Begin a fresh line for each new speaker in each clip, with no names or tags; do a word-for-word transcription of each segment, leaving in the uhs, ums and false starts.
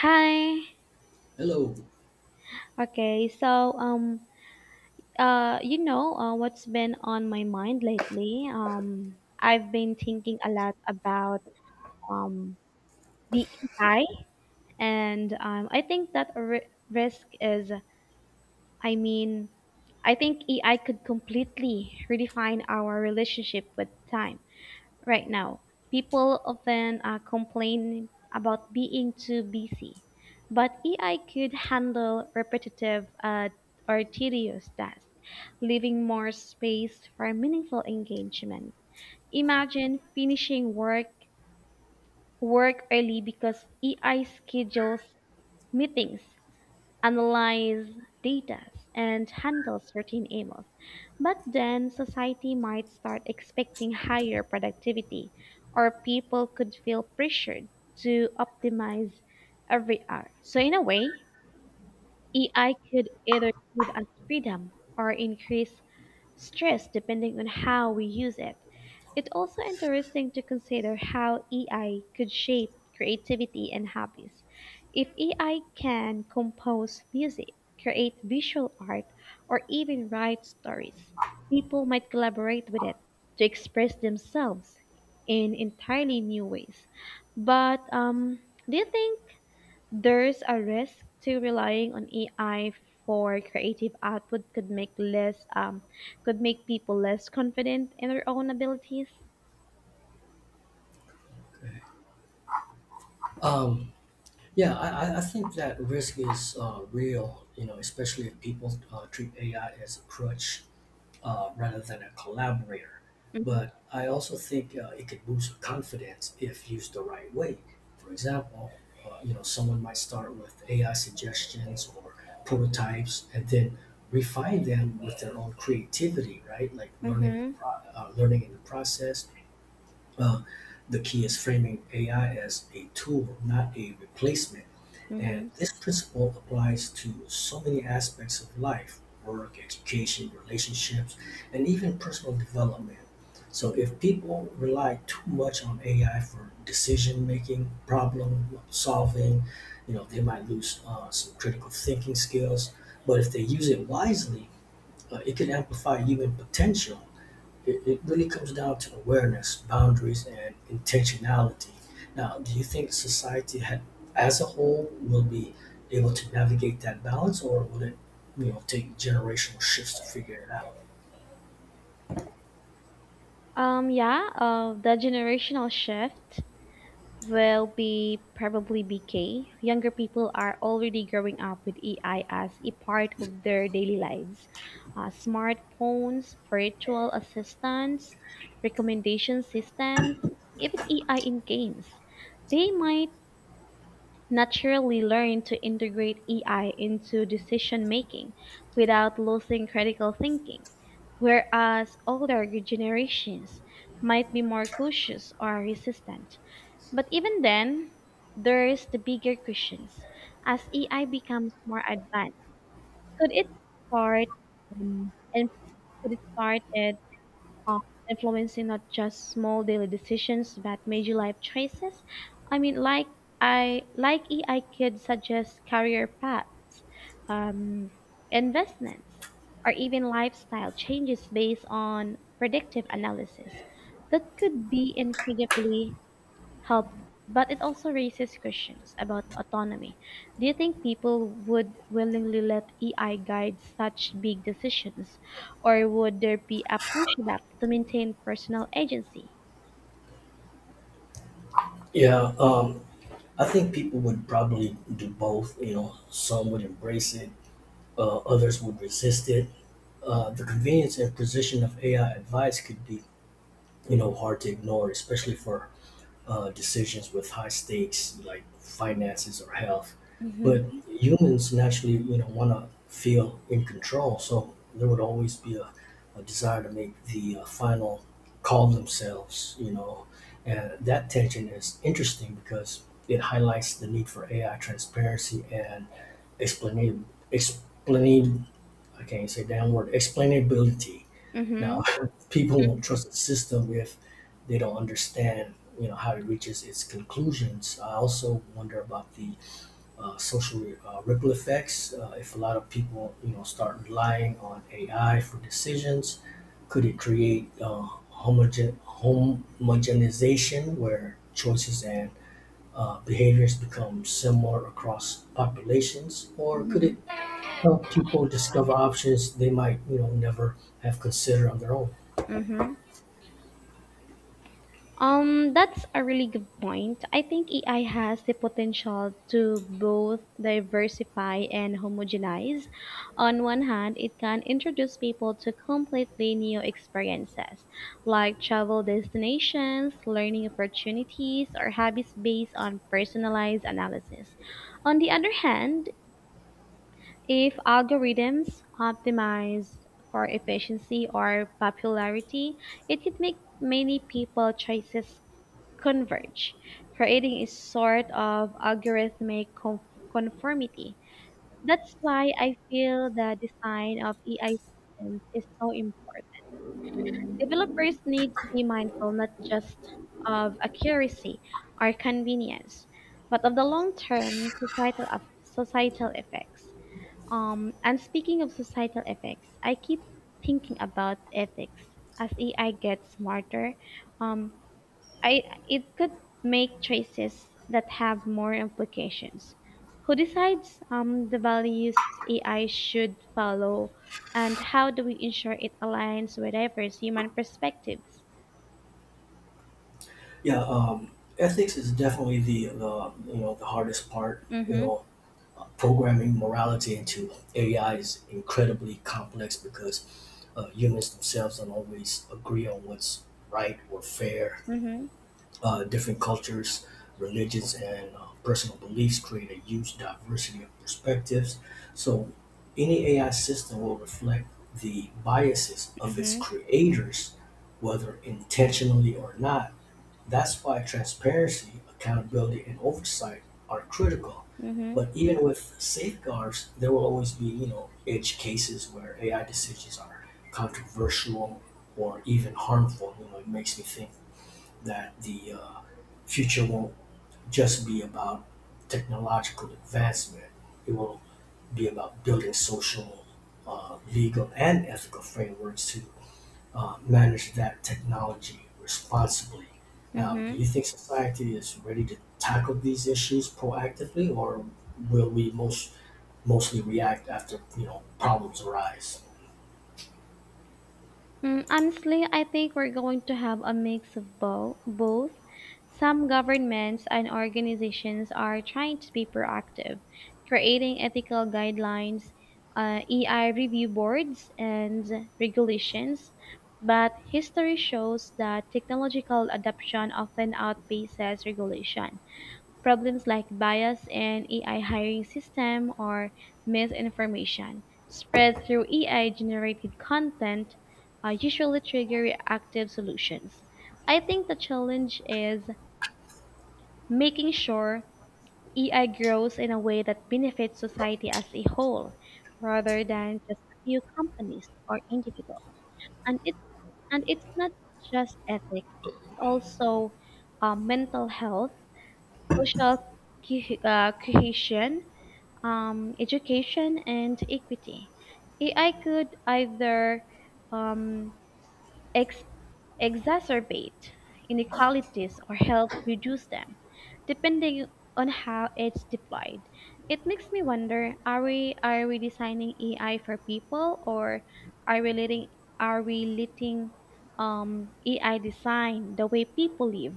Hi.
Hello.
Okay, so um uh you know uh, what's been on my mind lately? Um I've been thinking a lot about um the A I. And um I think that a ri- risk is, I mean I think A I could completely redefine our relationship with time. Right now, people often uh, complain about being too busy, but A I could handle repetitive uh, or tedious tasks, leaving more space for meaningful engagement. Imagine finishing work work early because A I schedules meetings, analyze data, and handle certain emails. But then society might start expecting higher productivity, or people could feel pressured to optimize every hour. So, in a way, A I could either give us freedom or increase stress depending on how we use it. It's also interesting to consider how A I could shape creativity and hobbies. If A I can compose music, create visual art, or even write stories, people might collaborate with it to express themselves in entirely new ways. But um, do you think there's a risk to relying on A I for creative output could make less um, could make people less confident in their own abilities?
Um, yeah, I, I I think that risk is uh, real, you know, especially if people uh, treat A I as a crutch uh, rather than a collaborator.
Mhm,
But I also think uh, it could boost confidence if used the right way. For example, uh, you know, someone might start with A I suggestions or prototypes and then refine them with their own creativity, right? Like learning the
mhm,
pro- uh, learning in the process uh, the key is framing A I as a tool, not a replacement. And
mhm.
this principle applies to so many aspects of life work, education, relationships, and even personal development. So, if people rely too much on A I for decision making, problem solving, you know, they might lose uh, some critical thinking skills. But if they use it wisely, uh, it can amplify human potential it, it really comes down to awareness, boundaries, and intentionality. Now, do you think society had, as a whole will be able to navigate that balance, or will it, you know, take generational shifts to figure it out?
Um, yeah, uh, the generational shift will be probably B K. Younger people are already growing up with A I as a part of their daily lives. Uh, smartphones, virtual assistants, recommendation systems, even A I in games. They might naturally learn to integrate A I into decision making without losing critical thinking, whereas older generations might be more cautious or resistant. But even then, there's the bigger questions. As A I becomes more advanced, could it start um, and could it start uh, influencing not just small daily decisions but major life choices. I mean, like I like E, I could suggest career paths, um, investments, or even lifestyle changes based on predictive analysis. That could be incredibly helpful, but it also raises questions about autonomy. Do you think people would willingly let A I guide such big decisions, or would there be a pushback to maintain personal agency?
Yeah, um, I think people would probably do both. You know, some would embrace it, uh, others would resist it. Uh, the convenience and precision of A I advice could be, you know, hard to ignore, especially for uh, decisions with high stakes like finances or health. But
Mm-hmm.
humans naturally, you know, want to feel in control. So there would always be a, a desire to make the uh, final call themselves, you know. And that tension is interesting because it highlights the need for A I transparency and explain, explain, I can't say that word, explainability.
Mm-hmm.
Now, people won't
Mhm,
trust the system if they don't understand, you know, how it reaches its conclusions. I also wonder about the uh, social uh, ripple effects. Uh, if a lot of people, you know, start relying on A I for decisions, could it create uh, homogen- homogenization where choices and uh, behaviors become similar across populations, or could
mhm.
it help people discover options they might you know never have considered on their own.
Mm-hmm. Um, that's a really good point. I think A I has the potential to both diversify and homogenize. On one hand, it can introduce people to completely new experiences, like travel destinations, learning opportunities, or hobbies based on personalized analysis. On the other hand, if algorithms optimize for efficiency or popularity, it could make many people choices converge, creating a sort of algorithmic conf- conformity. That's why I feel the design of A I systems is so important. Developers need to be mindful not just of accuracy or convenience, but of the long-term societal of societal effects. Um, and speaking of societal effects, I keep thinking about ethics as A I gets smarter. Um, I, it could make choices that have more implications. Who decides um, the values A I should follow, and how do we ensure it aligns with diverse human perspectives?
Yeah, um, ethics is definitely the, the you know the hardest part. You
Mm-hmm.
know, programming morality into A I is incredibly complex because uh, humans themselves don't always agree on what's right or fair.
Mm-hmm.
Uh, different cultures, religions, and uh, personal beliefs create a huge diversity of perspectives. So, any A I system will reflect the biases of its creators, whether intentionally or not. That's why transparency, accountability, and oversight are critical.
Mm-hmm.
But even with safeguards, there will always be, you know, edge cases where A I decisions are controversial or even harmful. You know, it makes me think that the uh, future won't just be about technological advancement. It will be about building social, uh, legal, and ethical frameworks to uh, manage that technology responsibly. Now, do
Mm-hmm.
you think society is ready to tackle these issues proactively, or will we most mostly react after you know problems arise?
Mm, honestly, I think we're going to have a mix of bo- both. Some governments and organizations are trying to be proactive, creating ethical guidelines, uh, E I review boards, and regulations. But history shows that technological adoption often outpaces regulation. Problems like bias in A I hiring system or misinformation spread through A I generated content uh, usually trigger reactive solutions. I think the challenge is making sure A I grows in a way that benefits society as a whole rather than just a few companies or individuals. And it and it's not just ethics, it's also uh, mental health, social co- uh, cohesion, um, education and equity. A I could either um, ex- exacerbate inequalities or help reduce them, depending on how it's deployed. It makes me wonder: Are we are we designing A I for people, or are we letting are we letting um, A I design the way people live?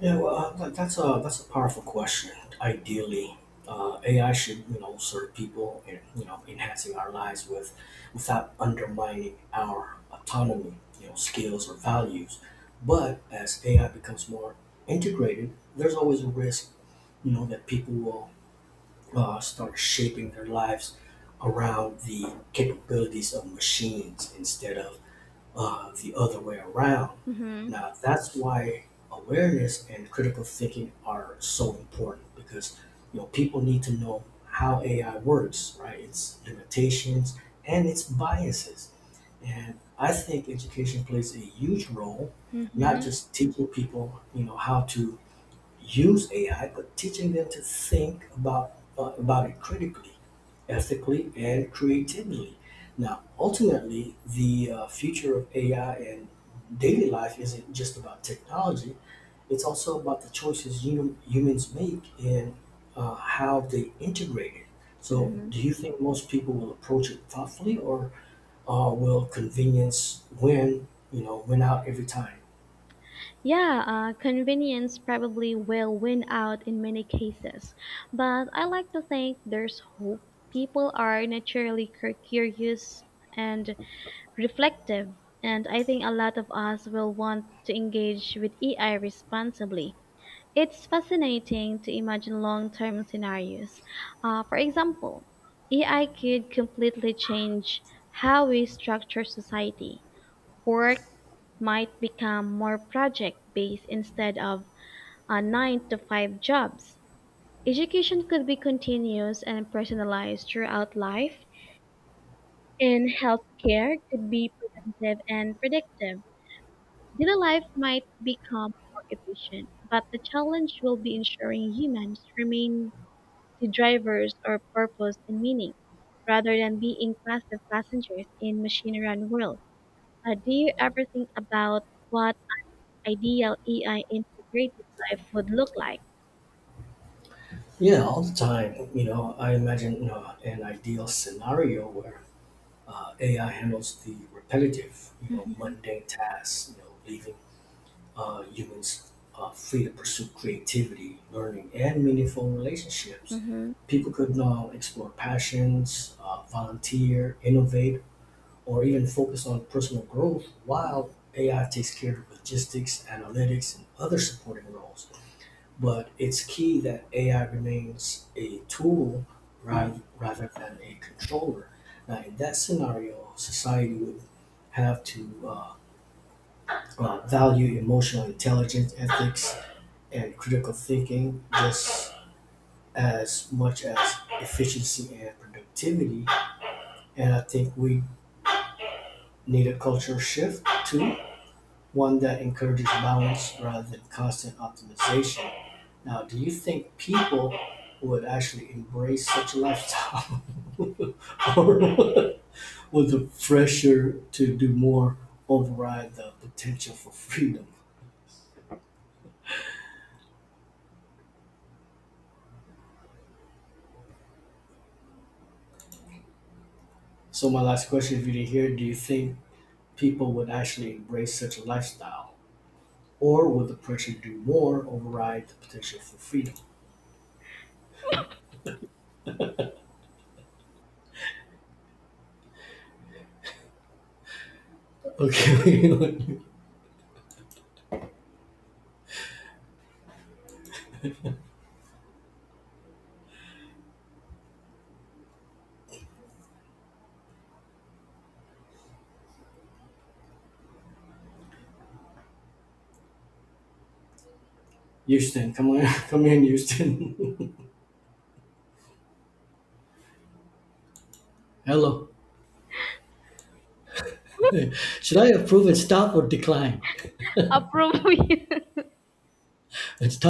Yeah, well, uh, that, that's a that's a powerful question. Ideally, uh, A I should you know serve people and you know enhancing our lives with without undermining our autonomy, you know, skills or values. But as A I becomes more integrated, there's always a risk, you know, that people will uh, start shaping their lives around the capabilities of machines instead of uh, the other way around.
Mm-hmm.
Now, that's why awareness and critical thinking are so important because you know people need to know how A I works, right? Its limitations and its biases. And I think education plays a huge role, not
Mm-hmm.
just teaching people, you know, how to use A I, but teaching them to think about uh, about it critically, ethically, and creatively. Now, ultimately, the uh, future of A I and daily life isn't just about technology; it's also about the choices hum- humans make and uh, how they integrate it. So, do you think most people will approach it thoughtfully, or uh, will convenience win? You know, win out every time?
Yeah, uh, convenience probably will win out in many cases, but I like to think there's hope. People are naturally cur- curious and reflective, and I think a lot of us will want to engage with A I responsibly. It's fascinating to imagine long term scenarios. Uh, for example, A I could completely change how we structure society, work, might become more project based instead of a nine to five jobs. Education could be continuous and personalized throughout life, and healthcare could be preventive and predictive. Daily life might become more efficient, but the challenge will be ensuring humans remain the drivers or purpose and meaning rather than being passive passengers in machine-run world. Uh, do you ever think about what ideal A I integrated life would look like.
Yeah, all the time. You know, I imagine uh, an ideal scenario where uh, A I handles the repetitive, you know,
Mhm.
mundane tasks, you know, leaving uh, humans uh, free to pursue creativity, learning, and meaningful relationships.
Mm-hmm.
People could now explore passions, uh, volunteer, innovate, or even focus on personal growth while A I takes care of logistics, analytics, and other supporting roles but it's key that A I remains a tool rather, rather than a controller. Now, in that scenario, society would have to uh, uh, value emotional intelligence, ethics, and critical thinking just as much as efficiency and productivity. And I think we need a cultural shift too one that encourages balance rather than constant optimization. Now, do you think people would actually embrace such a lifestyle, or would the pressure to do more override the potential for freedom? So, my last question, if you didn't hear, do you think people would actually embrace such a lifestyle, or would the pressure to do more override the potential for freedom? Okay, Houston, come on, come in, Houston. Hello. Hi.
Approve.
Okay.